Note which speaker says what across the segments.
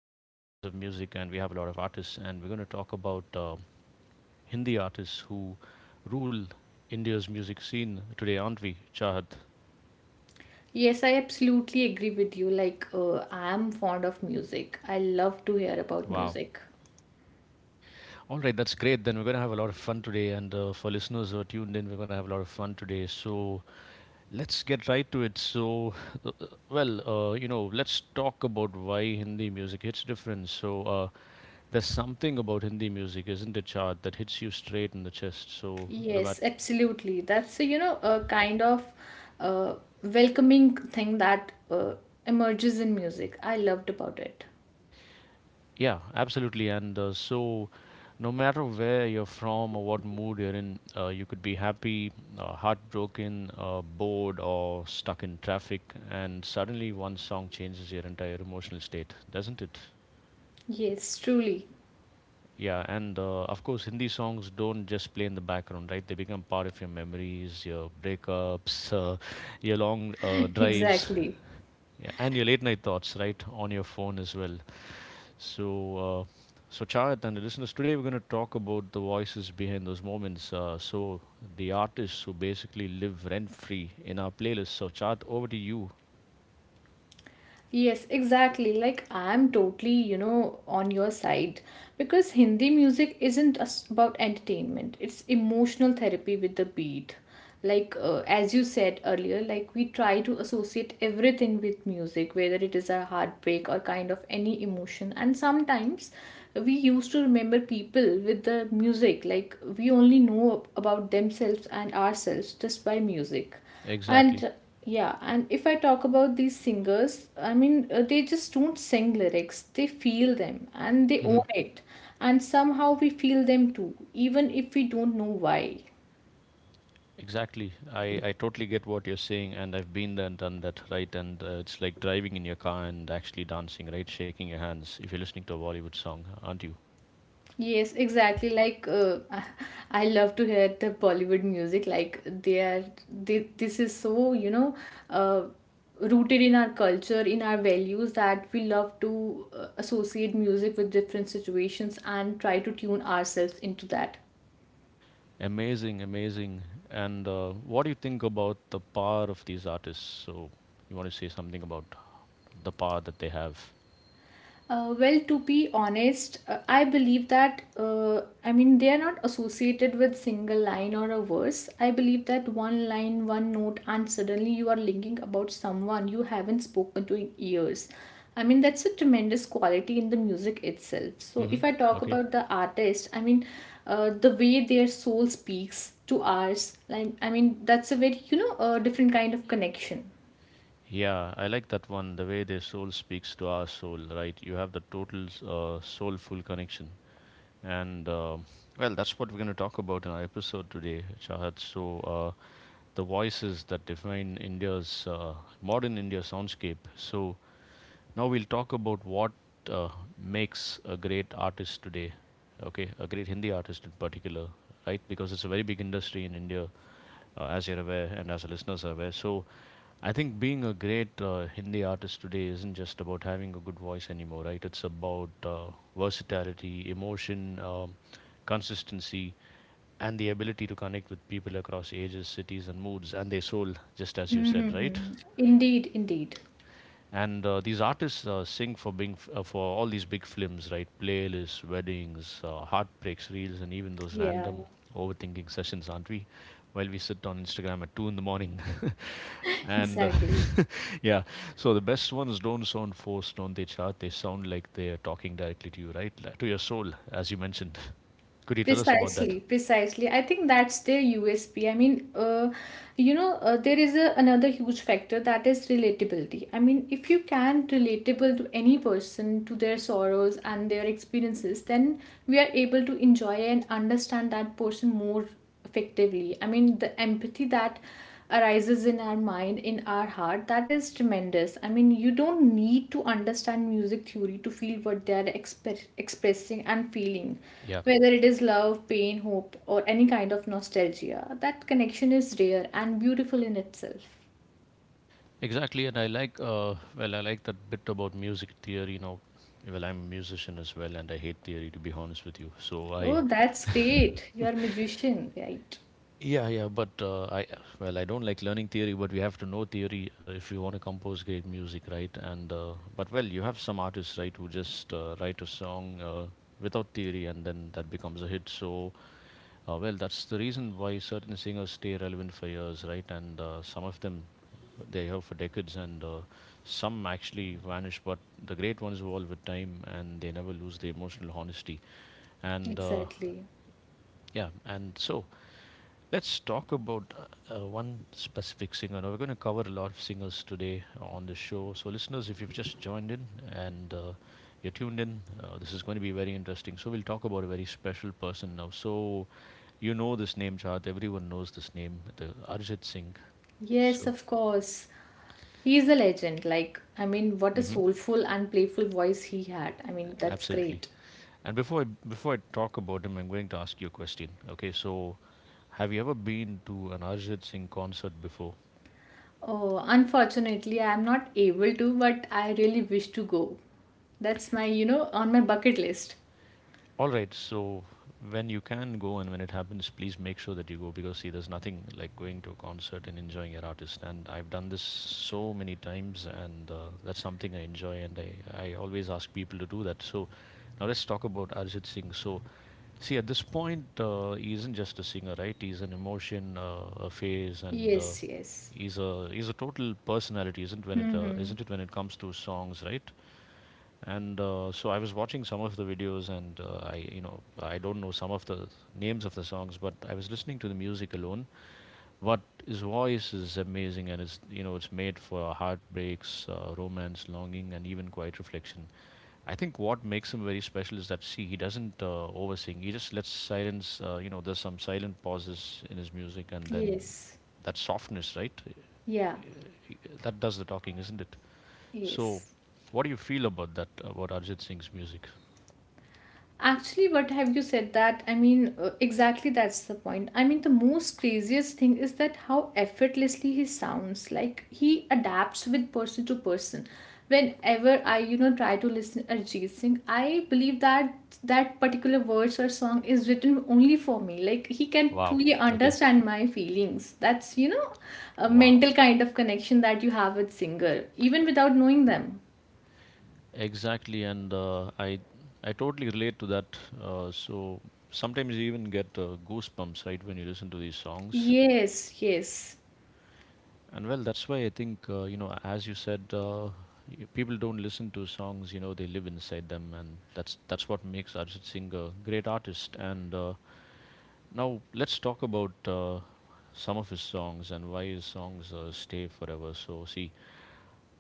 Speaker 1: common forms of music, and we have a lot of artists, and we're going to talk about Hindi artists who rule India's music scene today, aren't we, Chahat?
Speaker 2: Yes, I absolutely agree with you. I'm fond of music. I love to hear about
Speaker 1: Wow.
Speaker 2: music.
Speaker 1: All right, that's great. Then we're going to have a lot of fun today. And for listeners who are tuned in, we're going to have a lot of fun today. So let's get right to it. So, let's talk about why Hindi music hits different. So there's something about Hindi music, isn't it, Chahat, that hits you straight in the chest. So no matter.
Speaker 2: Yes, absolutely. That's a, you know, a kind of uh, welcoming thing that emerges in music. I loved about it.
Speaker 1: Yeah, absolutely. And so, no matter where you're from or what mood you're in, you could be happy, heartbroken, bored, or stuck in traffic. And suddenly, one song changes your entire emotional state, doesn't it?
Speaker 2: Yes, truly.
Speaker 1: Yeah, and of course, Hindi songs don't just play in the background, right? They become part of your memories, your breakups, your long drives,
Speaker 2: Exactly.
Speaker 1: yeah, and your late night thoughts, right? On your phone as well. So, uh, so Chayat and the listeners, today we're going to talk about the voices behind those moments. So, the artists who basically live rent free in our playlist. So, Chayat, over to you.
Speaker 2: Yes, exactly. Like I'm totally, you know, on your side because Hindi music isn't just about entertainment. It's emotional therapy with the beat. As you said earlier, like we try to associate everything with music, whether it is a heartbreak or kind of any emotion. And sometimes we used to remember people with the music. Like we only know about themselves and ourselves just by music.
Speaker 1: Exactly.
Speaker 2: And yeah, and if I talk about these singers, I mean, they just don't sing lyrics, they feel them and they
Speaker 1: Hmm.
Speaker 2: own it. And somehow we feel them too, even if we don't know why.
Speaker 1: Exactly. I totally get what you're saying, and I've been there and done that, right? And it's like driving in your car and actually dancing, right? Shaking your hands if you're listening to a Bollywood song, aren't you?
Speaker 2: Yes, exactly. I love to hear the Bollywood music. Like they are, this is so, you know, uh, rooted in our culture, in our values, that we love to associate music with different situations and try to tune ourselves into that.
Speaker 1: Amazing, amazing. And what do you think about the power of these artists? So, you want to say something about the power that they have.
Speaker 2: Well, to be honest, I believe that, I mean, they are not associated with single line or a verse. I believe that one line, one note, and suddenly you are linking about someone you haven't spoken to in years. I mean, that's a tremendous quality in the music itself. So, if
Speaker 1: Mm-hmm.
Speaker 2: I talk
Speaker 1: Okay.
Speaker 2: about the artist, I mean, the way their soul speaks to ours, like, I mean, that's a very, you know, different kind of connection.
Speaker 1: Yeah, I like that one. The way their soul speaks to our soul, right? You have the total soulful connection. And well, that's what we're going to talk about in our episode today, Chahat. So, the voices that define India's modern India soundscape. So, now we'll talk about what uh, makes a great artist today. Okay, a great Hindi artist in particular, right? Because it's a very big industry in India, as you're aware and as the listeners are aware. So I think being a great Hindi artist today isn't just about having a good voice anymore, right? It's about versatility, emotion, consistency, and the ability to connect with people across ages, cities, and moods and their soul, just as you said, right?
Speaker 2: Mm-hmm. Indeed, indeed.
Speaker 1: And these artists sing for being for all these big films, right? Playlists, weddings, heartbreaks, reels, and even those
Speaker 2: Yeah,
Speaker 1: random overthinking sessions, aren't we? While we sit on Instagram at two in the morning. and
Speaker 2: exactly.
Speaker 1: yeah, so the best ones don't sound forced, don't they, Chart? They sound like they're talking directly to you, right? Like, to your soul, as you mentioned. Could you tell us about that?
Speaker 2: Precisely, precisely. I think that's their USP. I mean, you know, there is a, another huge factor that is relatability. I mean, if you can relatable to any person, to their sorrows and their experiences, then we are able to enjoy and understand that person more effectively. I mean, the empathy that arises in our mind, in our heart, that is tremendous. I mean, you don't need to understand music theory to feel what they are expressing and feeling,
Speaker 1: Yeah,
Speaker 2: whether it is love, pain, hope, or any kind of nostalgia. That connection is rare and beautiful in itself.
Speaker 1: exactly. And I like, I like that bit about music theory. You know, well, I'm a musician as well, and I hate theory to be honest with you. So
Speaker 2: Oh,
Speaker 1: I.
Speaker 2: that's great. You're a magician, right?
Speaker 1: Yeah, yeah, but I don't like learning theory, but we have to know theory if you want to compose great music, right? And but well, you have some artists, right, who just write a song without theory, and then that becomes a hit. So well, that's the reason why certain singers stay relevant for years, right? And some of them they are for decades, and some actually vanish. But the great ones evolve with time, and they never lose their emotional honesty. And
Speaker 2: Exactly.
Speaker 1: yeah, and so let's talk about one specific singer. Now, we're going to cover a lot of singers today on the show. So, listeners, if you've just joined in, and you're tuned in, this is going to be very interesting. So, we'll talk about a very special person now. So, you know this name, Chart. Everyone knows this name, the Arjit Singh.
Speaker 2: Yes,
Speaker 1: So,
Speaker 2: of course. He is a legend. Like, I mean, what a
Speaker 1: hmm,
Speaker 2: soulful and playful voice he had. I mean, that's
Speaker 1: absolutely.
Speaker 2: great.
Speaker 1: And before I talk about him, I'm going to ask you a question. Okay, so have you ever been to an Arjit Singh concert before?
Speaker 2: Oh, unfortunately, I am not able to, but I really wish to go. That's my, you know, on my bucket list.
Speaker 1: All right. So when you can go and when it happens, please make sure that you go, because see, there's nothing like going to a concert and enjoying your artist. And I've done this so many times, and that's something I enjoy. And I always ask people to do that. So now let's talk about Arjit Singh. So see, at this point, he isn't just a singer, right? He's an emotion, a phase, and uh,
Speaker 2: Yes, yes.
Speaker 1: he's a he's a total personality,
Speaker 2: Mm-hmm.
Speaker 1: isn't it when it comes to songs, right? And so I was watching some of the videos, and I, you know, I don't know some of the names of the songs, but I was listening to the music alone. But his voice is amazing, and it's, you know, it's made for heartbreaks, romance, longing, and even quiet reflection. I think what makes him very special is that, see, he doesn't oversing. He just lets silence, there's some silent pauses in his music, and then
Speaker 2: Yes.
Speaker 1: that softness, right,
Speaker 2: Yeah,
Speaker 1: that does the talking, isn't it? So
Speaker 2: yes.
Speaker 1: what do you feel about that, about Arjit Singh's music?
Speaker 2: Actually, what have you said that? I mean, exactly that's the point. I mean, the most craziest thing is that how effortlessly he sounds. Like he adapts with person to person. Whenever I, you know, try to listen Arjit Singh, I believe that that particular verse or song is written only for me. Like he can
Speaker 1: Wow.
Speaker 2: truly
Speaker 1: Okay.
Speaker 2: understand my feelings. That's, you know, a
Speaker 1: Wow.
Speaker 2: mental kind of connection that you have with singer, even without knowing them.
Speaker 1: Exactly, and I totally relate to that. So sometimes you even get goosebumps, right, when you listen to these songs.
Speaker 2: Yes, yes,
Speaker 1: And well, that's why I think, as you said, people don't listen to songs. You know, they live inside them, and that's what makes Arjit Singh a great artist. And now let's talk about some of his songs and why his songs stay forever. So see.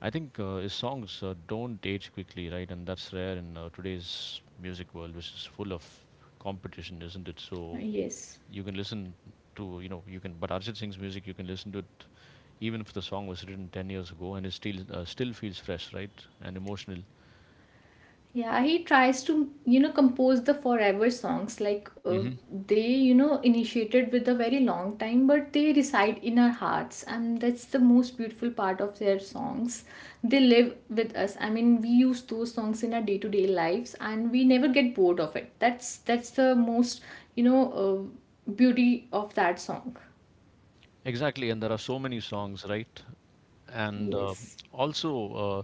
Speaker 1: I think his songs don't age quickly, right? And that's rare in today's music world, which is full of competition, isn't it? So
Speaker 2: yes.
Speaker 1: you can listen to, you know, you can. But Arjit Singh's music, you can listen to it even if the song was written 10 years ago, and it still still feels fresh, right? And emotional.
Speaker 2: Yeah, he tries to, you know, compose the forever songs.
Speaker 1: Hmm.
Speaker 2: They, you know, initiated with a very long time, but they reside in our hearts, and that's the most beautiful part of their songs. They live with us. I mean, we use those songs in our day to day lives, and we never get bored of it. That's the most, you know, beauty of that song.
Speaker 1: Exactly, and there are so many songs, right? And
Speaker 2: Yes.
Speaker 1: also uh,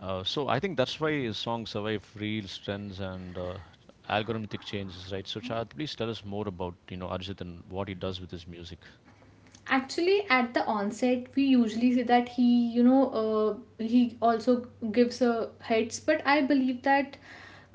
Speaker 1: So I think that's why his songs survive real trends, and algorithmic changes, right? So Chad, please tell us more about, you know, Arjit and what he does with his music.
Speaker 2: Actually, at the onset, we usually see that he, you know, he also gives hits. But I believe that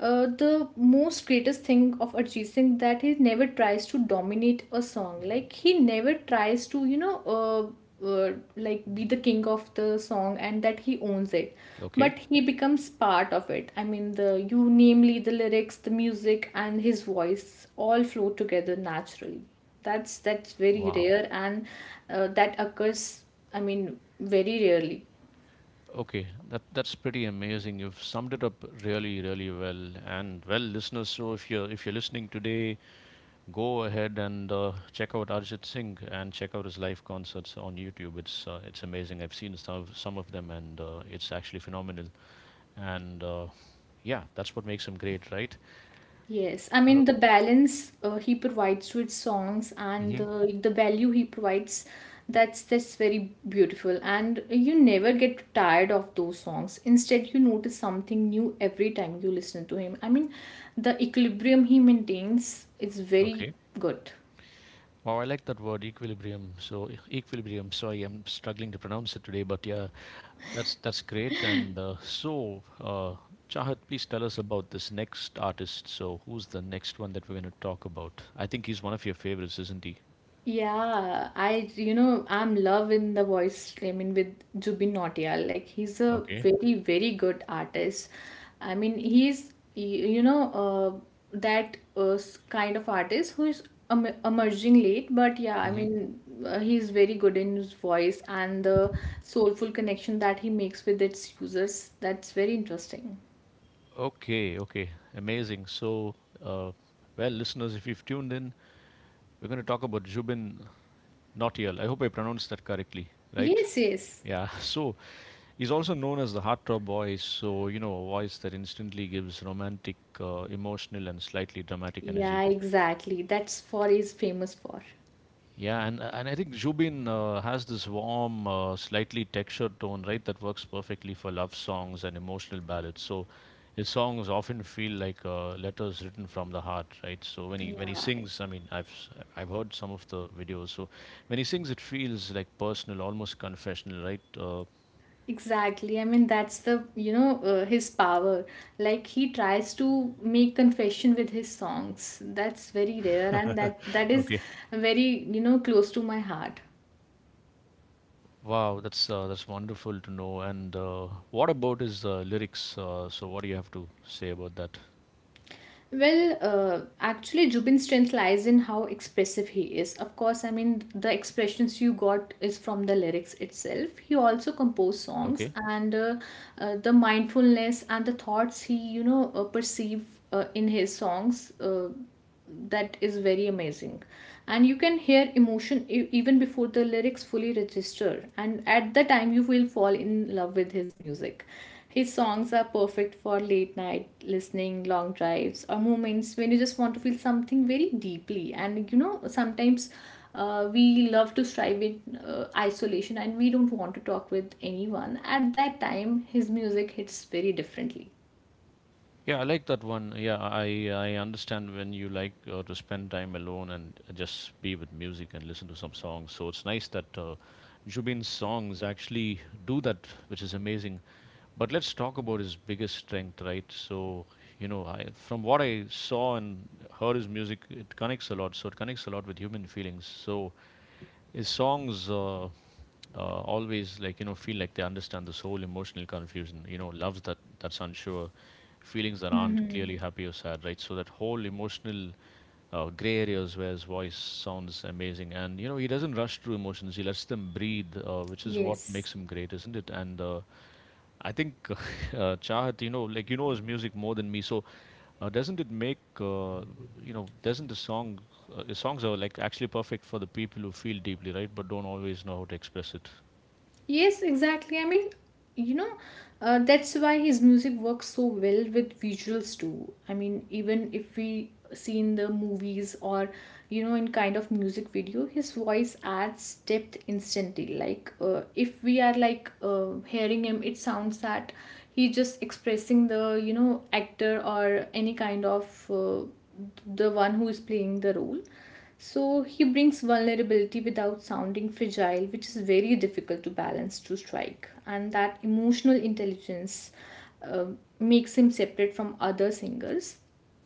Speaker 2: the most greatest thing of Arjit Singh that he never tries to dominate a song. Like he never tries to, you know, like be the king of the song and that he owns it.
Speaker 1: Okay,
Speaker 2: But he becomes part of it. I mean, the you, namely the lyrics, the music, and his voice all flow together naturally. That's very
Speaker 1: wow.
Speaker 2: rare, and that occurs, I mean, very rarely.
Speaker 1: Okay, that that's pretty amazing. You've summed it up really, really well. And well, listeners, so if you're listening today, go ahead and check out Arjit Singh and check out his live concerts on YouTube. It's amazing. I've seen some of them, and it's actually phenomenal. And yeah, that's what makes him great, right?
Speaker 2: Yes, I
Speaker 1: Uh,
Speaker 2: mean the balance he provides with songs and
Speaker 1: hmm.
Speaker 2: the value he provides, that's very beautiful. And you never get tired of those songs. Instead, you notice something new every time you listen to him. I mean, the equilibrium he maintains is very
Speaker 1: Okay.
Speaker 2: good.
Speaker 1: Wow, I like that word equilibrium. So equilibrium. Sorry, I'm struggling to pronounce it today, but yeah, that's great. And Chahat, please tell us about this next artist. So, who's the next one that we're going to talk about? I think he's one of your favorites, isn't he?
Speaker 2: Yeah, I you know I'm love in the voice. I mean with Jubin Nautiyal, like he's a
Speaker 1: Okay.
Speaker 2: very very good artist. I mean he's you know that kind of artist who is emerging late, but yeah, I
Speaker 1: Hmm.
Speaker 2: mean he's very good in his voice and the soulful connection that he makes with its users. That's very interesting.
Speaker 1: Okay. Okay. Amazing. So, uh, well, listeners, if you've tuned in, we're going to talk about Jubin Nautiyal. I hope I pronounced that correctly, right?
Speaker 2: Yes, yes.
Speaker 1: Yeah. So he's also known as the heartthrob voice. So you know, a voice that instantly gives romantic, emotional, and slightly dramatic
Speaker 2: Yeah,
Speaker 1: energy.
Speaker 2: exactly. That's what he's famous for.
Speaker 1: Yeah, and I think Zubin has this warm, slightly textured tone, right, that works perfectly for love songs and emotional ballads. So his songs often feel like letters written from the heart, right? So when he
Speaker 2: Yeah.
Speaker 1: sings, I mean, I've heard some of the videos. So when he sings, it feels like personal, almost confessional, right?
Speaker 2: Exactly. I mean, that's the, you know, his power. Like he tries to make confession with his songs. That's very rare and that that is
Speaker 1: Okay.
Speaker 2: very, you know, close to my heart.
Speaker 1: Wow, that's wonderful to know. And what about his lyrics? So what do you have to say about that?
Speaker 2: Well, actually, Jubin's strength lies in how expressive he is. Of course, I mean, the expressions you got is from the lyrics itself. He also composed songs,
Speaker 1: Okay.
Speaker 2: and the mindfulness and the thoughts he, you know, perceive in his songs. That is very amazing, and you can hear emotion even before the lyrics fully register, and at the time you will fall in love with his music. His songs are perfect for late night listening, long drives, or moments when you just want to feel something very deeply. And you know, sometimes we love to strive in isolation and we don't want to talk with anyone. At that time his music hits very differently.
Speaker 1: Yeah, I like that one. Yeah, I understand when you like to spend time alone and just be with music and listen to some songs. So it's nice that Jubin's songs actually do that, which is amazing. But let's talk about his biggest strength, right? So you know, from what I saw and heard his music, it connects a lot. So it connects a lot with human feelings. So his songs always like you know feel like they understand the soul emotional confusion, you know, loves that's unsure, feelings that aren't
Speaker 2: Hmm.
Speaker 1: clearly happy or sad, right? So that whole emotional gray areas where his voice sounds amazing. And you know he doesn't rush through emotions, he lets them breathe, which is what
Speaker 2: Yes.
Speaker 1: makes him great, isn't it? And I think Chahat, you know, like you know his music more than me. So doesn't it make you know? Doesn't the song? The songs are like actually perfect for the people who feel deeply, right? But don't always know how to express it.
Speaker 2: Yes, exactly. I mean, you know, that's why his music works so well with visuals too. I mean, even if we see in the movies or you know in kind of music video, his voice adds depth instantly. If we are hearing him, it sounds that he's just expressing the you know actor or any kind of, the one who is playing the role. So he brings vulnerability without sounding fragile, which is very difficult to balance to strike. And that emotional intelligence uh, makes him separate from other singers.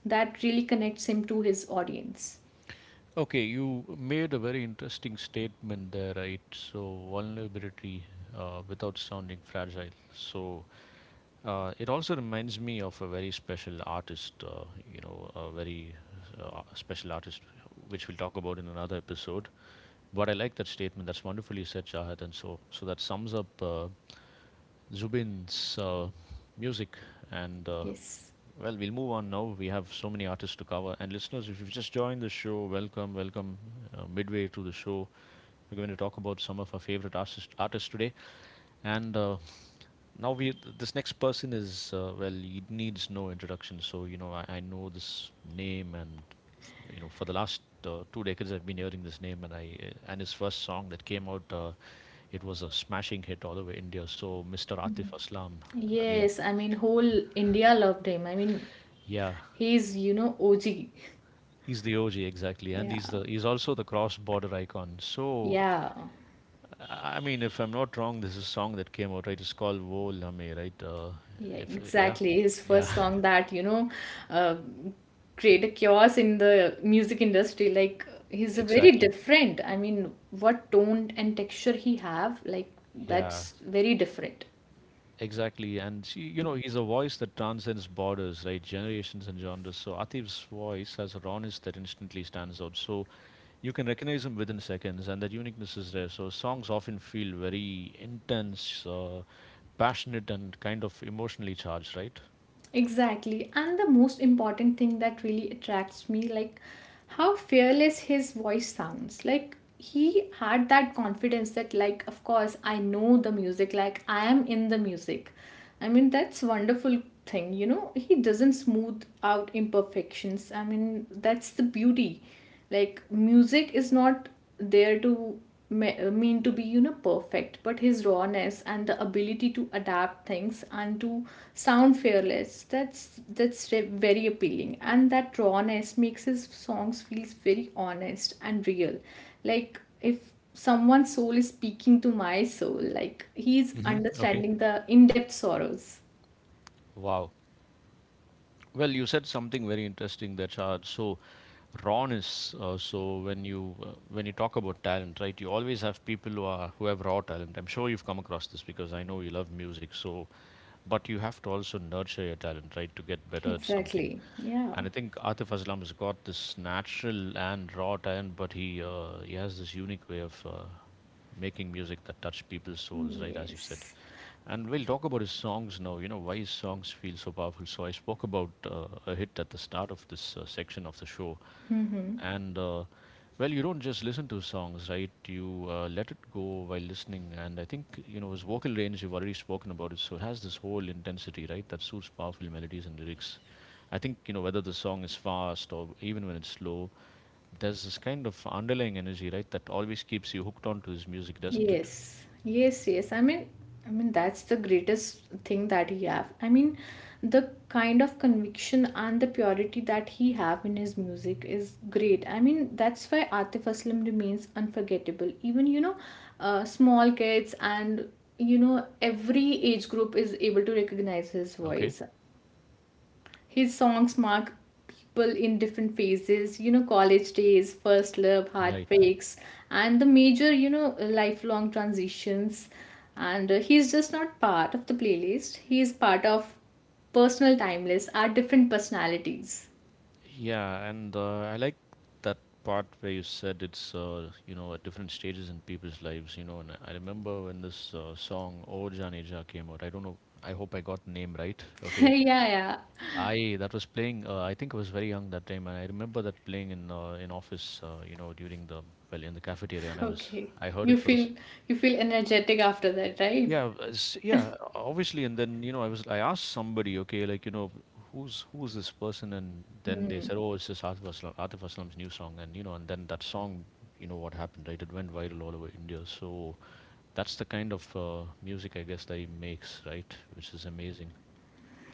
Speaker 2: That really connects him to his audience.
Speaker 1: Okay, you made a very interesting statement there, right? So vulnerability without sounding fragile. So it also reminds me of a very special artist, you know, a very special artist, which we'll talk about in another episode. But I like that statement. That's wonderfully said, Shahad. And so that sums up Zubin's music. And
Speaker 2: Yes.
Speaker 1: well, we'll move on now. We have so many artists to cover. And listeners, if you've just joined the show, welcome, welcome. Midway through the show, we're going to talk about some of our favorite artists today. And now we this next person is well, it needs no introduction. So you know, I know this name, and you know, for the last. Two decades I've been hearing this name, and I and his first song that came out, it was a smashing hit all over India. So Mr. Atif Aslam, I mean,
Speaker 2: Yes, I mean, whole India loved him. I mean,
Speaker 1: yeah,
Speaker 2: he's, you know, OG.
Speaker 1: he's the OG, exactly, and
Speaker 2: Yeah.
Speaker 1: he's also the cross-border icon. So,
Speaker 2: Yeah.
Speaker 1: I mean, if I'm not wrong, this is a song that came out, right? It's called "Wo Lame," right?
Speaker 2: Yeah,
Speaker 1: If yeah,
Speaker 2: exactly. His
Speaker 1: yeah,
Speaker 2: first song that, you know, uh, create a chaos in the music industry. Like he's a very
Speaker 1: exactly,
Speaker 2: different. I mean, what tone and texture he have, like
Speaker 1: yeah,
Speaker 2: that's very different.
Speaker 1: exactly. And she, you know, he's a voice that transcends borders, right? Generations and genres. So Atif's voice has a rawness that instantly stands out. So you can recognize him within seconds, and that uniqueness is rare. So songs often feel very intense, passionate, and kind of emotionally charged, right?
Speaker 2: Exactly. And the most important thing that really attracts me, like how fearless his voice sounds. Like he had that confidence that, like, of course I know the music, like I am in the music. I mean that's wonderful thing, you know. He doesn't smooth out imperfections. I mean that's the beauty. Like music is not there to mean to be you know perfect, but his rawness and the ability to adapt things and to sound fearless, that's very appealing, and that rawness makes his songs feels very honest and real. Like if someone's soul is speaking to my soul, like he's
Speaker 1: Hmm. Okay.
Speaker 2: understanding the in-depth sorrows.
Speaker 1: Wow. Well, you said something very interesting there, Shahad. So rawness. When you talk about talent, right? You always have people who have raw talent. I'm sure you've come across this because I know you love music. So, but you have to also nurture your talent, right, to get better at something.
Speaker 2: Exactly, yeah.
Speaker 1: And I think Atif Aslam has got this natural and raw talent, but he has this unique way of making music that touch people's souls, right? As you said,
Speaker 2: Yes.
Speaker 1: and we'll talk about his songs now. You know why his songs feel so powerful. So I spoke about a hit at the start of this section of the show,
Speaker 2: Hmm.
Speaker 1: and well, you don't just listen to songs, right? You let it go while listening, and I think you know his vocal range, you've already spoken about it. So it has this whole intensity, right, that suits powerful melodies and lyrics. I think you know whether the song is fast or even when it's slow, there's this kind of underlying energy, right, that always keeps you hooked onto his music, doesn't it?
Speaker 2: Yes, yes, yes. I mean that's the greatest thing that he have. I mean, the kind of conviction and the purity that he have in his music is great. I mean, that's why Atif Aslam remains unforgettable. Even you know, small kids and you know every age group is able to recognize his
Speaker 1: Okay,
Speaker 2: voice. His songs mark people in different phases, you know, college days, first love,
Speaker 1: right.
Speaker 2: heartbreaks, and the major, you know, lifelong transitions. And he's just not part of the playlist, he is part of personal timeless, our different personalities.
Speaker 1: Yeah, and I like that part where you said it's you know, at different stages in people's lives, you know. And I remember when this song "O Janeja" came out. I don't know. I hope I got the name right. Okay,
Speaker 2: Yeah, yeah.
Speaker 1: I that was playing. I think I was very young that time, and I remember that playing in office, you know, during the well in the cafeteria, and
Speaker 2: Okay.
Speaker 1: I heard
Speaker 2: You
Speaker 1: it for the
Speaker 2: feel you feel energetic after that, right?
Speaker 1: yeah, yeah, obviously. And then, you know, I asked somebody, okay, like, you know, who's this person? And then they said, oh, it's just Atif Aslam, Atif Aslam's new song. And you know, and then that song, you know, what happened, right? It went viral all over India. So that's the kind of music, I guess, that he makes, right? Which is amazing.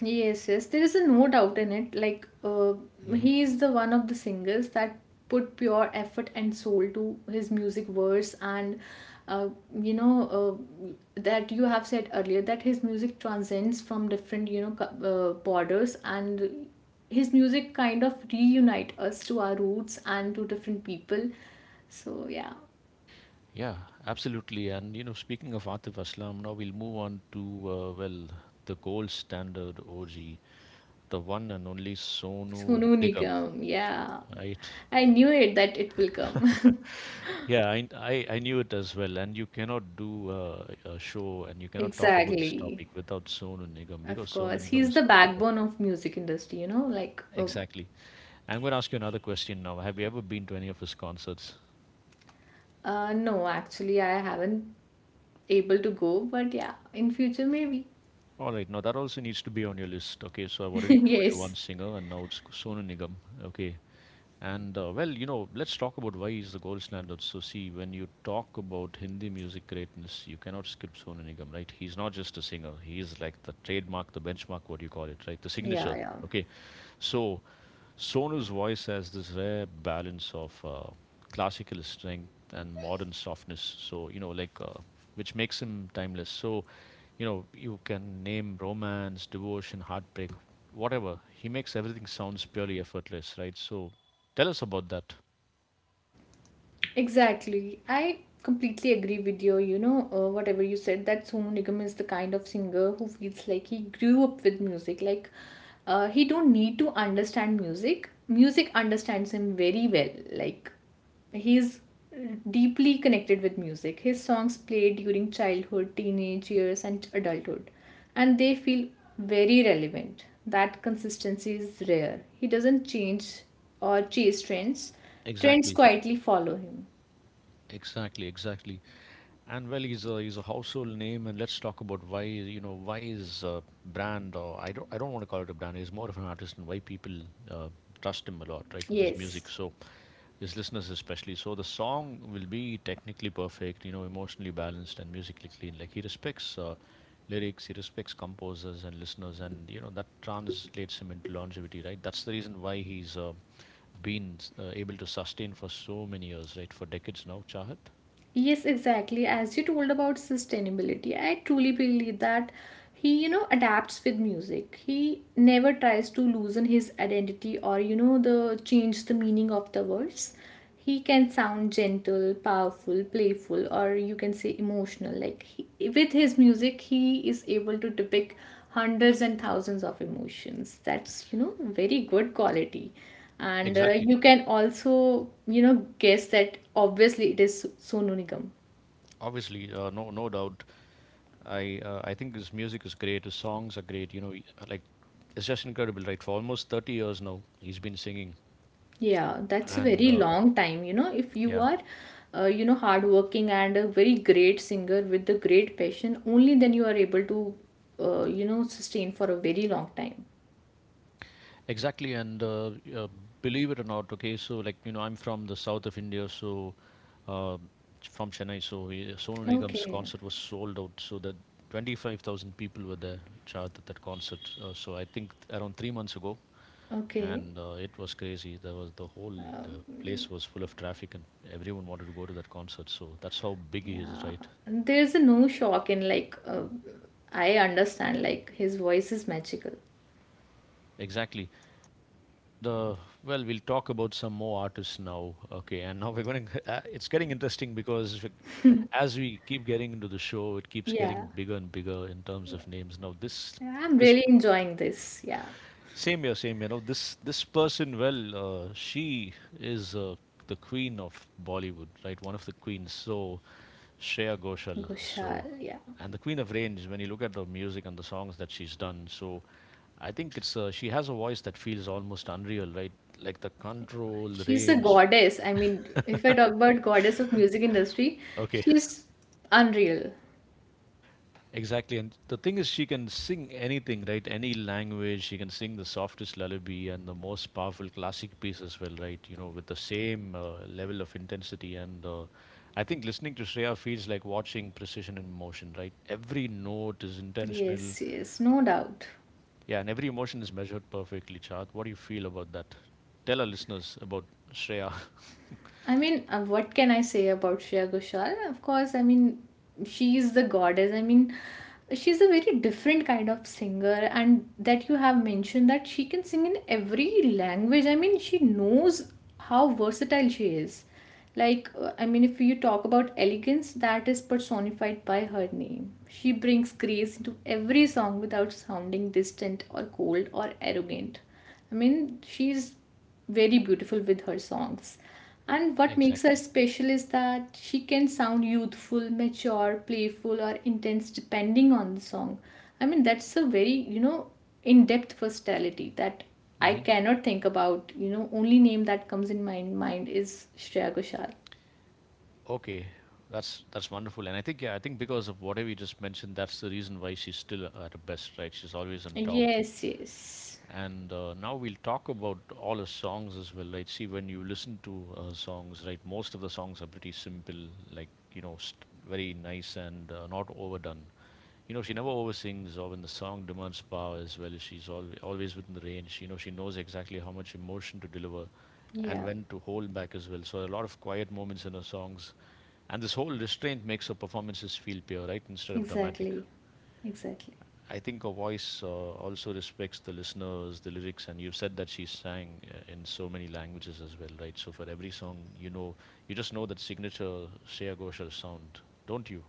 Speaker 2: Yes, yes, there is a no doubt in it. Like,
Speaker 1: Hmm.
Speaker 2: he is the one of the singers that put pure effort and soul to his music verse, and uh, you know uh, that you have said earlier that his music transcends from different you know borders, and his music kind of reunite us to our roots and to different people. So yeah.
Speaker 1: Yeah, absolutely. And you know, speaking of Atif Aslam, now we'll move on to well, the gold standard OG, the one and only Sonu
Speaker 2: Sonu
Speaker 1: Nigam,
Speaker 2: Nigam, yeah,
Speaker 1: right?
Speaker 2: I knew it that it will come.
Speaker 1: Yeah, I knew it as well. And you cannot do a show and you cannot talk about this
Speaker 2: Exactly.
Speaker 1: topic without Sonu Nigam, because
Speaker 2: Of
Speaker 1: Sonu
Speaker 2: course,
Speaker 1: Nigam
Speaker 2: he's
Speaker 1: is
Speaker 2: the
Speaker 1: Sonu Nigam.
Speaker 2: backbone of music industry, you know,
Speaker 1: Exactly. I'm going to ask you another question now. Have you ever been to any of his concerts?
Speaker 2: uh, no, actually I haven't able to go, but yeah, in future maybe.
Speaker 1: All right, now that also needs to be on your list. Okay, so I've already told you one
Speaker 2: Yes.
Speaker 1: singer and now it's Sonu Nigam. Okay. And well, you know, let's talk about why is the gold standard. So, see, when you talk about Hindi music greatness, you cannot skip Sonu Nigam, right? He's not just a singer; he's like the trademark, the benchmark, what do you call it, right? The
Speaker 2: Yeah,
Speaker 1: signature.
Speaker 2: yeah.
Speaker 1: Okay, so Sonu's voice has this rare balance of classical strength and modern softness. So, you know, like which makes him timeless. So, you know, you can name romance, devotion, heartbreak, whatever he makes, everything sounds purely effortless, right? So tell us about that.
Speaker 2: Exactly. I completely agree with you. You know, whatever you said, that Sonu Nigam is the kind of singer who feels like he grew up with music. He don't need to understand music. Music understands him very well. Like, he's deeply connected with music. His songs play during childhood, teenage years, and adulthood, and they feel very relevant. That consistency is rare. He doesn't change or chase trends. Trends
Speaker 1: Exactly,
Speaker 2: quietly follow him.
Speaker 1: exactly, exactly. And well, he's a household name, and let's talk about why, you know, why is a brand, or I don't want to call it a brand, he's more of an artist, and why people uh, trust him a lot, right, with his music.
Speaker 2: Yes,
Speaker 1: So his listeners especially. So the song will be technically perfect, you know, emotionally balanced and musically clean. Like he respects lyrics, he respects composers and listeners, and you know that translates him into longevity, right? That's the reason why he's been able to sustain for so many years, right? For decades now, Chahat.
Speaker 2: yes, exactly. As you told about sustainability, I truly believe that he adapts with music. He never tries to loosen his identity or, you know, the change the meaning of the words. He can sound gentle, powerful, playful, or you can say emotional. Like he, with his music, he is able to depict hundreds and thousands of emotions. That's very good quality. And
Speaker 1: Exactly.
Speaker 2: you can also, you know, guess that obviously it is so, Sonu Nigam.
Speaker 1: Obviously, no, no doubt. I think his music is great. His songs are great. You know, like it's just incredible, right? For almost 30 years now, he's been singing,
Speaker 2: Yeah, that's a
Speaker 1: and
Speaker 2: very long time. You know, if you
Speaker 1: yeah,
Speaker 2: are you know, hardworking and a very great singer with a great passion, only then you are able to you know, sustain for a very long time.
Speaker 1: exactly, and believe it or not, okay, so like you know, I'm from the south of India, so uh, from Chennai, so Sonu Nigam's
Speaker 2: Okay,
Speaker 1: concert was sold out, so that 25,000 people were there, Chad, at that concert. So I think around 3 months ago,
Speaker 2: okay,
Speaker 1: and it was crazy. There was the place was full of traffic, and everyone wanted to go to that concert. So that's how big he is,
Speaker 2: yeah.
Speaker 1: right?
Speaker 2: And there's a no shock in, like, I understand, like, his voice is magical.
Speaker 1: Exactly. And well, we'll talk about some more artists now. Okay, and now we're going to, it's getting interesting because as we keep getting into the show, it keeps
Speaker 2: Yeah,
Speaker 1: getting bigger and bigger in terms of names. Now this
Speaker 2: I'm
Speaker 1: this
Speaker 2: really enjoying this. Yeah,
Speaker 1: same year, same year. Now this person, well, she is the queen of Bollywood, right? One of the queens. So Shreya Ghoshal. So
Speaker 2: Gushal. Yeah.
Speaker 1: and the queen of range. When you look at the music and the songs that she's done, so I think it's she has a voice that feels almost unreal, right? Like the control, the
Speaker 2: She's a
Speaker 1: range.
Speaker 2: goddess. I mean, if I talk about goddess of music industry,
Speaker 1: Okay.
Speaker 2: she's unreal.
Speaker 1: Exactly. And the thing is, she can sing anything, right? Any language. She can sing the softest lullaby and the most powerful classic piece as well, right? You know, with the same level of intensity. And I think listening to Shreya feels like watching precision in motion, right? Every note is intentional.
Speaker 2: Yes, no doubt.
Speaker 1: Yeah, and every emotion is measured perfectly, Chad. What do you feel about that? Tell our listeners about Shreya.
Speaker 2: I mean, what can I say about Shreya Ghoshal? Of course, I mean, she is the goddess. I mean, she's a very different kind of singer, and that you have mentioned that she can sing in every language. I mean, she knows how versatile she is. I mean, if you talk about elegance, that is personified by her name. She brings grace into every song without sounding distant or cold or arrogant. I mean, she's very beautiful with her songs. And what makes her
Speaker 1: Exactly.
Speaker 2: special is that she can sound youthful, mature, playful, or intense depending on the song. I mean, that's a very in depth versatility that I cannot think about. You know, only name that comes in my mind is Shreya Ghoshal.
Speaker 1: Okay, that's wonderful, and I think yeah, I think because of whatever you just mentioned, that's the reason why she's still at her best, right? She's always on top.
Speaker 2: Yes, yes.
Speaker 1: And now we'll talk about all her songs as well, right? See, when you listen to her songs, right, most of the songs are pretty simple, like you know, very nice and not overdone. You know, she never oversings, or when the song demands power as well, always within the range. You know, she knows exactly how much emotion to deliver and
Speaker 2: Yeah,
Speaker 1: when to hold back as well. So a lot of quiet moments in her songs, and this whole restraint makes her performances feel pure, right, instead of dramatic.
Speaker 2: exactly. Exactly.
Speaker 1: I think her voice also respects the listeners, the lyrics, and you have said that she sang in so many languages as well, right? So for every song, you know, you just know that signature Shreya Ghoshal sound, don't you?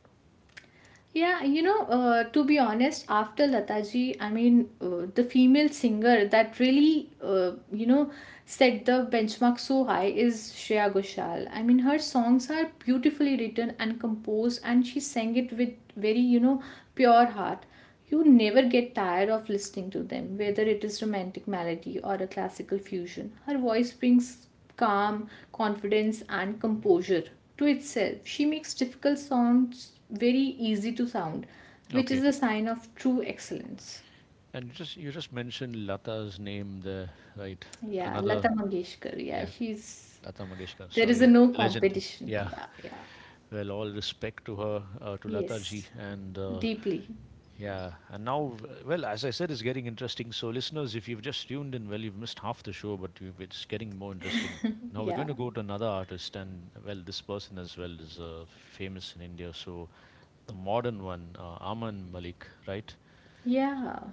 Speaker 2: Yeah, to be honest, after Lataji, I mean, the female singer that really, you know, set the benchmark so high is Shreya Ghoshal. I mean, her songs are beautifully written and composed, and she sang it with very pure heart. You never get tired of listening to them, whether it is romantic melody or a classical fusion. Her voice brings calm, confidence, and composure to itself. She makes difficult sounds very easy to sound, which is
Speaker 1: Okay.
Speaker 2: a sign of true excellence.
Speaker 1: And you just mentioned Lata's name there, right?
Speaker 2: Yeah,
Speaker 1: Another,
Speaker 2: Lata Mangeshkar. Yeah,
Speaker 1: yeah,
Speaker 2: she's
Speaker 1: Lata Mangeshkar.
Speaker 2: there is a
Speaker 1: Sorry,
Speaker 2: no
Speaker 1: the legend.
Speaker 2: competition.
Speaker 1: Yeah.
Speaker 2: Yeah, yeah.
Speaker 1: Well, all respect to her, to Lata ji,
Speaker 2: Yes,
Speaker 1: and
Speaker 2: deeply.
Speaker 1: yeah, and now, well, as I said, it's getting interesting. So, listeners, if you've just tuned in, well, you've missed half the show, but you it's getting more interesting. Now, we're
Speaker 2: Yeah,
Speaker 1: going to go to another artist, and well, this person as well is famous in India. So, the modern one, Aman Malik, right?
Speaker 2: yeah.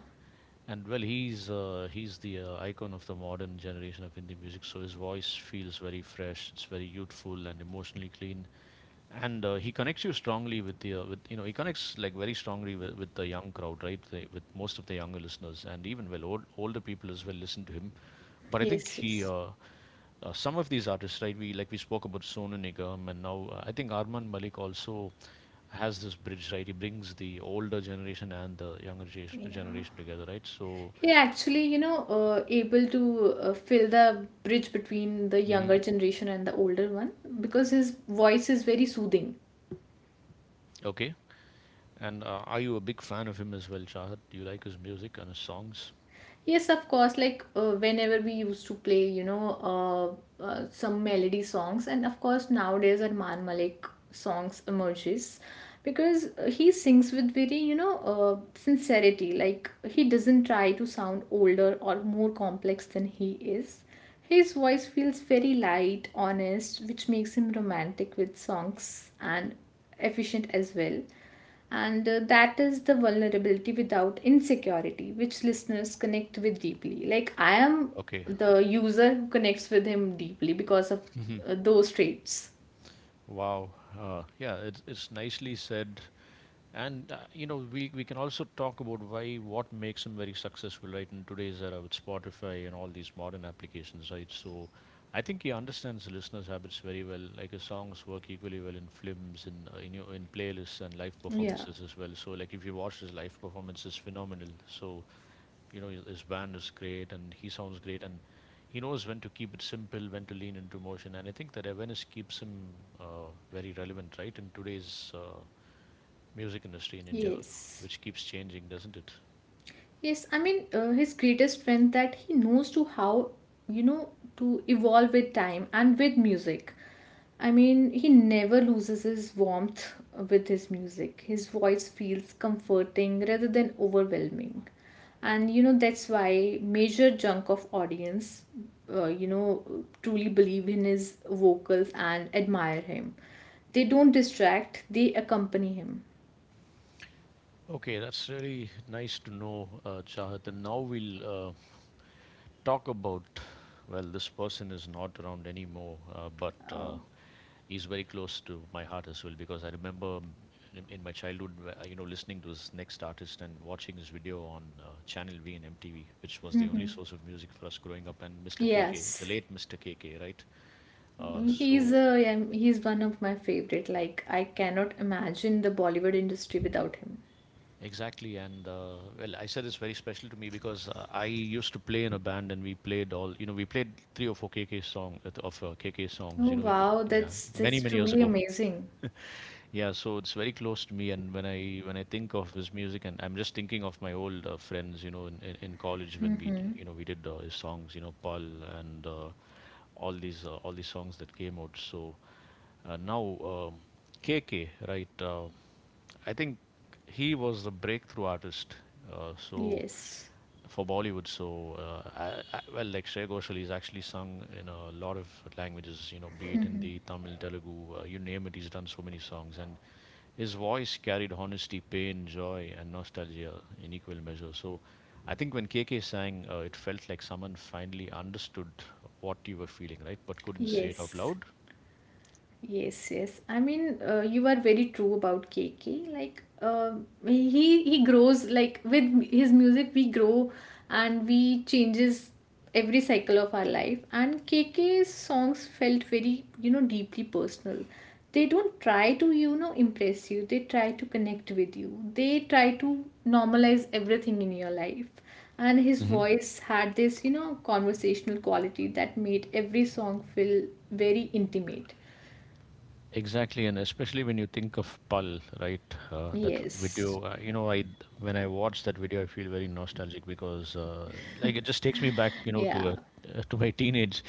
Speaker 1: And well, he's the icon of the modern generation of Indian music. So his voice feels very fresh. It's very youthful and emotionally clean, and he connects you strongly with the with you know he connects like very strongly with the young crowd, right, with most of the younger listeners, and even well old, older people as well listen to him, but I think
Speaker 2: Yes,
Speaker 1: he
Speaker 2: yes.
Speaker 1: some of these artists, right, we spoke about Sonu Nigam, and now I think Arman Malik also has this bridge, right? He brings the older generation and the
Speaker 2: Yeah.
Speaker 1: generation together, right? So
Speaker 2: He actually, you know, able to fill the bridge between the
Speaker 1: hmm.
Speaker 2: younger generation and the older one, because his voice is very soothing.
Speaker 1: Okay. And are you a big fan of him as well, Chahat? Do you like his music and his songs?
Speaker 2: Yes, of course. Like, whenever we used to play, you know, some melody songs, and of course nowadays Arman Malik songs emerges, because he sings with very sincerity. Like, he doesn't try to sound older or more complex than he is. His voice feels very light, honest, which makes him romantic with songs and efficient as well. And that is the vulnerability without insecurity which listeners connect with deeply, like I am
Speaker 1: Okay.
Speaker 2: the user who connects with him deeply because of those traits.
Speaker 1: Wow. Yeah, it's nicely said. And you know, we can also talk about why what makes them very successful, right? In today's era with Spotify and all these modern applications, right? So, I think he understands the listeners' habits very well. Like his songs work equally well in films, in your in playlists and live
Speaker 2: Yeah.
Speaker 1: performances as well. So, like if you watch his live performance, is phenomenal. So you know his band is great, and he sounds great, and he knows when to keep it simple, when to lean into motion, and I think that awareness keeps him very relevant, right, in today's music industry in India,
Speaker 2: Yes,
Speaker 1: which keeps changing, doesn't it?
Speaker 2: yes, I mean, his greatest strength that he knows to how, you know, to evolve with time and with music. I mean, he never loses his warmth with his music. His voice feels comforting rather than overwhelming. And you know, that's why major chunk of audience, you know, truly believe in his vocals and admire him. They don't distract, they accompany him.
Speaker 1: Okay, that's really nice to know, Chahat. And now we'll talk about, well, this person is not around anymore, but
Speaker 2: Oh.
Speaker 1: he's very close to my heart as well because I remember in my childhood, where, you know, listening to this next artist and watching his video on Channel V and MTV, which was the only
Speaker 2: Mhm.
Speaker 1: source of music for us growing up, and Mr. KK, the
Speaker 2: Yes.
Speaker 1: late Mr. KK, right?
Speaker 2: He's
Speaker 1: So
Speaker 2: a, yeah, he's one of my favorite. Like, I cannot imagine the Bollywood industry without him.
Speaker 1: exactly, and well, I said it's very special to me because I used to play in a band, and we played all, you know, we played three or four KK song, of KK songs.
Speaker 2: Oh
Speaker 1: You know, we,
Speaker 2: wow,
Speaker 1: yeah, many
Speaker 2: that's
Speaker 1: many years
Speaker 2: truly
Speaker 1: ago.
Speaker 2: amazing.
Speaker 1: Yeah, so it's very close to me, and when I think of his music, and I'm just thinking of my old friends, you know, in college when we, you know, we did his songs, you know, Paul, and all these songs that came out. So now KK, right? I think he was the breakthrough artist. So
Speaker 2: Yes.
Speaker 1: for Bollywood, so well, like Shreya Ghoshal, he's actually sung in a lot of languages. You know, be it Hindi, Tamil, Telugu, you name it. He's done so many songs, and his voice carried honesty, pain, joy, and nostalgia in equal measure. So I think when KK sang, it felt like someone finally understood what you were feeling, right, but couldn't say it out
Speaker 2: Yes.
Speaker 1: loud.
Speaker 2: Yes. I mean, you are very true about KK. He grows like with his music, we grow and we changes every cycle of our life. And K KK's songs felt very deeply personal. They don't try to, you know, impress you. They try to connect with you. They try to normalize everything in your life. And his voice had this, you know, conversational quality that made every song feel very intimate.
Speaker 1: Exactly, and especially when you think of Pal, right? That
Speaker 2: Yes.
Speaker 1: video, you know, I, when I watch that video, I feel very nostalgic because, like, it just takes me back, you know, to a,
Speaker 2: Yeah.
Speaker 1: to my teenage.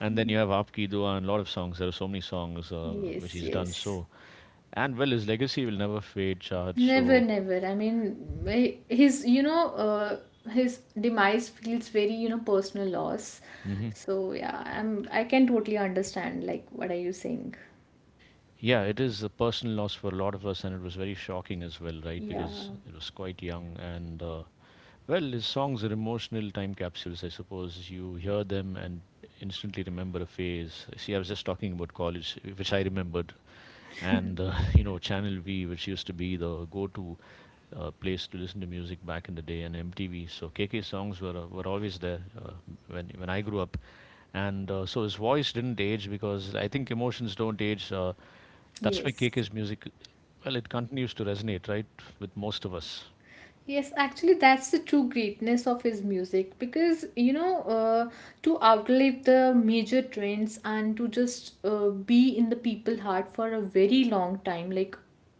Speaker 1: And then you have Aap Ki Dua and a lot of songs. There are so many songs which
Speaker 2: Yes,
Speaker 1: he's done.
Speaker 2: yes.
Speaker 1: So, and well, his legacy will never fade, Shahad.
Speaker 2: Never,
Speaker 1: So
Speaker 2: never. I mean, his, his demise feels very personal loss.
Speaker 1: hmm.
Speaker 2: So yeah, I can totally understand like what are you saying?
Speaker 1: Yeah, it is a personal loss for a lot of us, and it was very shocking as well, right?
Speaker 2: Yeah.
Speaker 1: Because it was quite young, and well, his songs are emotional time capsules, I suppose. You hear them and instantly remember a phase. See, I was just talking about college, which I remembered, and you know, Channel V, which used to be the go-to place to listen to music back in the day, and MTV. So KK songs were always there when I grew up, and so his voice didn't age because I think emotions don't age. That's why
Speaker 2: Yes.
Speaker 1: KK's music, well, it continues to resonate, right, with most of us.
Speaker 2: Yes, actually, that's the true greatness of his music, because you know, to outlive the major trends and to just be in the people heart for a very long time, like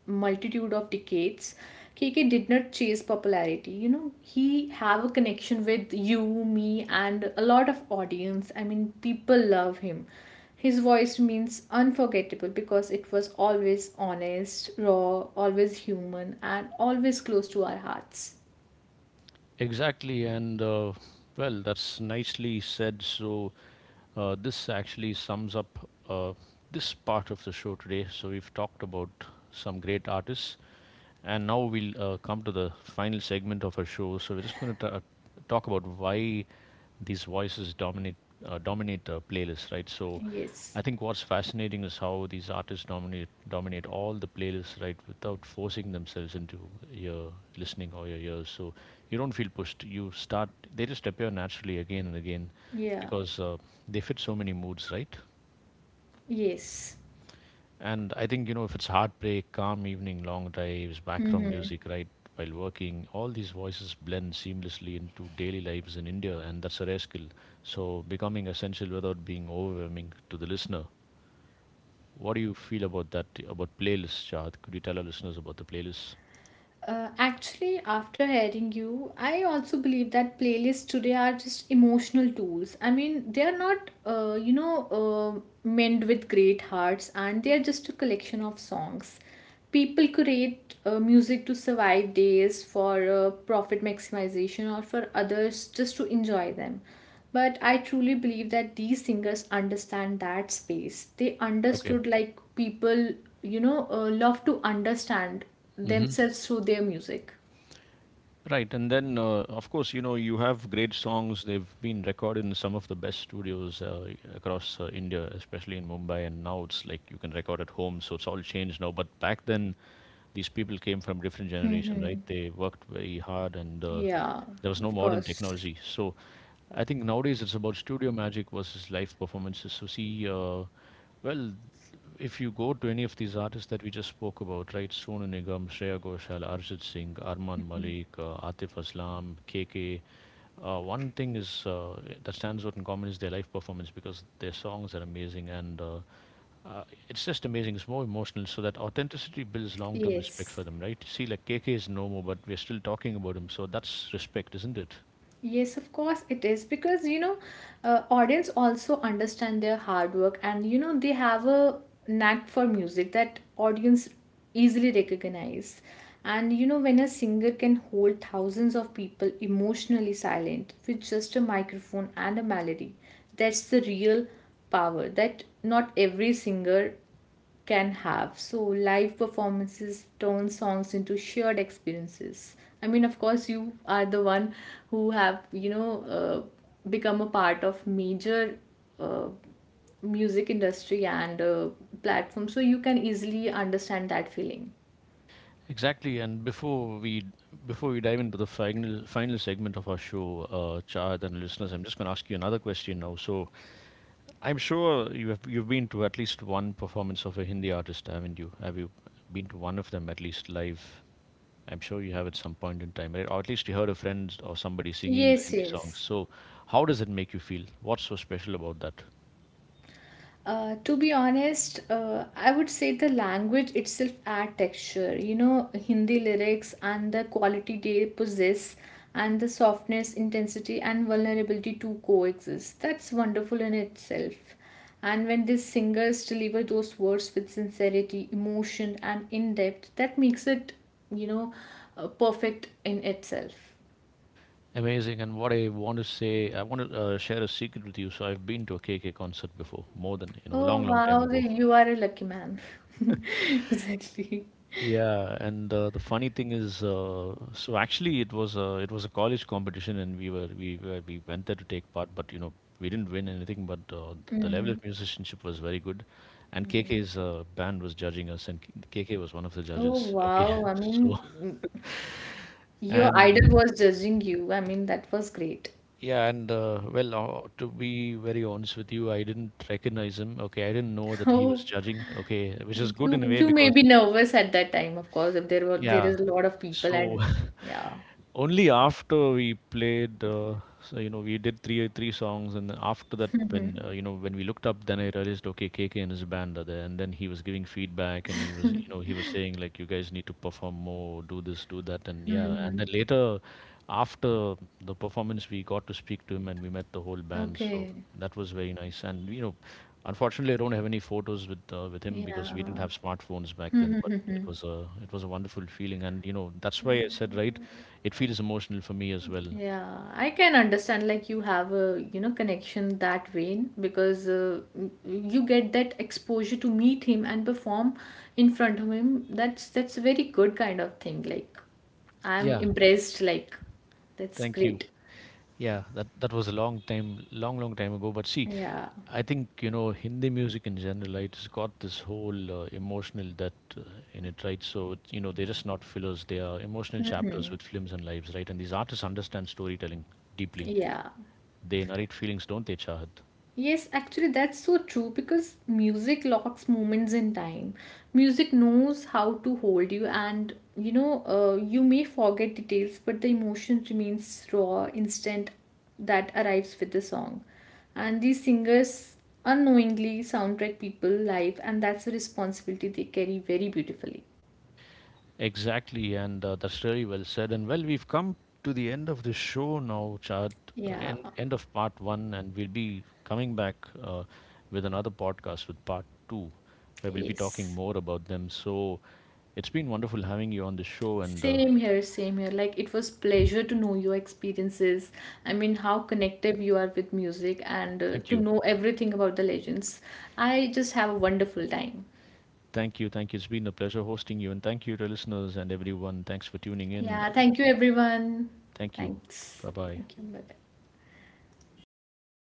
Speaker 2: multitude of decades, KK did not chase popularity. You know, he have a connection with you, me, and a lot of audience. I mean, people love him, his voice remains unforgettable because it was always honest, raw, always human, and always close to our hearts.
Speaker 1: Exactly, and well, that's nicely said. So, this actually sums up this part of the show today. So, we've talked about some great artists, and now we'll come to the final segment of our show. So we're just going to talk about why these voices dominate playlists, right? So
Speaker 2: Yes.
Speaker 1: I think what's fascinating is how these artists dominate all the playlists, right, without forcing themselves into your listening or your ears. So you don't feel pushed. You start. They just appear naturally again and again
Speaker 2: Yeah.
Speaker 1: because they fit so many moods, right?
Speaker 2: Yes.
Speaker 1: And I think, you know, if it's heartbreak, calm evening, long drives, background music, right, while working, all these voices blend seamlessly into daily lives in India, and that's a rare skill. So becoming essential without being overwhelming to the listener. What do you feel about that, about playlists, Chad? Could you tell our listeners about the playlists?
Speaker 2: Actually, after hearing you, I also believe that playlists today are just emotional tools. I mean, they are not, meant with great hearts, and they are just a collection of songs. People create music to survive days, for profit maximization, or for others just to enjoy them. But I truly believe that these singers understand that space. They
Speaker 1: Okay.
Speaker 2: understood like people, love to understand
Speaker 1: Hmm.
Speaker 2: themselves through their music.
Speaker 1: Right, and then of course, you know, you have great songs. They've been recorded in some of the best studios across India, especially in Mumbai. And now it's like you can record at home, so it's all changed now. But back then, these people came from different generation, right? They worked very hard, and
Speaker 2: Yeah,
Speaker 1: there was no
Speaker 2: of
Speaker 1: modern
Speaker 2: course.
Speaker 1: technology. So I think nowadays it's about studio magic versus live performances. So see. Well, if you go to any of these artists that we just spoke about, right? Sonu Nigam, Shreya Ghoshal, Arjit Singh, Arman Malik, Atif Aslam, KK. One thing is that stands out in common is their live performance because their songs are amazing, and uh, it's just amazing. It's more emotional, so that authenticity builds long-term respect
Speaker 2: Yes.
Speaker 1: for them, right? See, like KK is no more, but we're still talking about him, so that's respect, isn't it?
Speaker 2: Yes, of course it is because you know, audience also understand their hard work, and you know they have a knack for music that audience easily recognize. And you know, when a singer can hold thousands of people emotionally silent with just a microphone and a melody, that's the real power that not every singer can have. So live performances turn songs into shared experiences. I mean, of course, you are the one who have, you know, become a part of major uh, music industry and platform, so you can easily understand that feeling.
Speaker 1: Exactly, and before we dive into the final final segment of our show, Chad and listeners, I'm just going to ask you another question now. So I'm sure you've been to at least one performance of a Hindi artist, haven't you? Have you been to one of them at least live? I'm sure you have at some point in time, right? Or at least you heard a friend or somebody singing the
Speaker 2: Yes,
Speaker 1: Hindi songs.
Speaker 2: yes.
Speaker 1: So how does it make you feel? What's so special about that?
Speaker 2: To be honest, I would say the language itself add texture. You know, Hindi lyrics and the quality they possess, and the softness, intensity, and vulnerability to coexist. That's wonderful in itself. And when these singers deliver those words with sincerity, emotion, and in depth, that makes it, you know, perfect in itself.
Speaker 1: Amazing. And what I want to say, I want to share a secret with you. So I've been to a KK concert before, more than you know, a
Speaker 2: Oh
Speaker 1: long, long time
Speaker 2: wow,
Speaker 1: ago.
Speaker 2: you are a lucky man. Exactly.
Speaker 1: Yeah, and the funny thing is, so actually it was a college competition, and we went there to take part, but you know we didn't win anything. But the level of musicianship was very good, and KK's band was judging us, and KK was one of the
Speaker 2: Oh
Speaker 1: judges. Okay,
Speaker 2: wow. I mean,
Speaker 1: so
Speaker 2: your
Speaker 1: and
Speaker 2: idol was judging you. I mean, that was great.
Speaker 1: yeah, and to be very honest with you, I didn't recognize him. Okay, I didn't know that he was
Speaker 2: Oh,
Speaker 1: judging. Okay, which is
Speaker 2: you
Speaker 1: good in a way
Speaker 2: you may
Speaker 1: because
Speaker 2: be nervous at that time, of course, if there were there
Speaker 1: yeah.
Speaker 2: is a lot of people
Speaker 1: So
Speaker 2: and yeah.
Speaker 1: only after we played, so, you know, we did three songs, and then after that, when you know, when we looked up, then I realized, okay, KK and his band are there, and then he was giving feedback, and he was, you know, he was saying like, you guys need to perform more, do this, do that, and yeah, and
Speaker 2: Hmm.
Speaker 1: then later, after the performance, we got to speak to him, and we met the whole band, so
Speaker 2: Okay.
Speaker 1: that was very nice, and you know, unfortunately, I don't have any photos with him because we didn't
Speaker 2: Yeah.
Speaker 1: have smartphones back then. But it
Speaker 2: Hmm.
Speaker 1: was a it was a wonderful feeling, and you know, that's why I said, right, it feels emotional for me as well.
Speaker 2: Yeah, I can understand, like, you have a, you know, connection that way, because you get that exposure to meet him and perform in front of him. That's a very good kind of thing. Like, I'm
Speaker 1: Yeah,
Speaker 2: impressed. Like, that's
Speaker 1: thank you.
Speaker 2: great.
Speaker 1: Yeah, that that was a long time, long long time ago. But see,
Speaker 2: Yeah.
Speaker 1: I think you know Hindi music in general, right? It's got this whole emotional depth in it, right? So it's, you know, they're just not fillers; they are emotional chapters with films and lives, right? And these artists understand storytelling deeply.
Speaker 2: Yeah.
Speaker 1: They narrate feelings, don't they, Chahat?
Speaker 2: Yes, actually, that's so true because music locks moments in time. Music knows how to hold you, and you may forget details, but the emotion remains raw, instant that arrives with the song. And these singers unknowingly soundtrack people live, and that's a responsibility they carry very beautifully.
Speaker 1: Exactly, and that's really well said. And well, we've come to the end of the show now, Chad. Uh,
Speaker 2: Yeah.
Speaker 1: end end of part one, and we'll be coming back uh, with another podcast with part two, where we'll be talking
Speaker 2: Yes.
Speaker 1: more about them. So it's been wonderful having you on the show, and
Speaker 2: Same here, same here. Like, it was pleasure to know your experiences. I mean, how connected you are with music and
Speaker 1: thank
Speaker 2: to
Speaker 1: you,
Speaker 2: know everything about the legends. I just have a wonderful time.
Speaker 1: thank you, thank you. It's been a pleasure hosting you, and thank you to listeners and everyone. Thanks for tuning in.
Speaker 2: Yeah, thank you everyone.
Speaker 1: Thank you.
Speaker 2: Thanks.
Speaker 1: Bye bye.
Speaker 2: Thank you. Bye.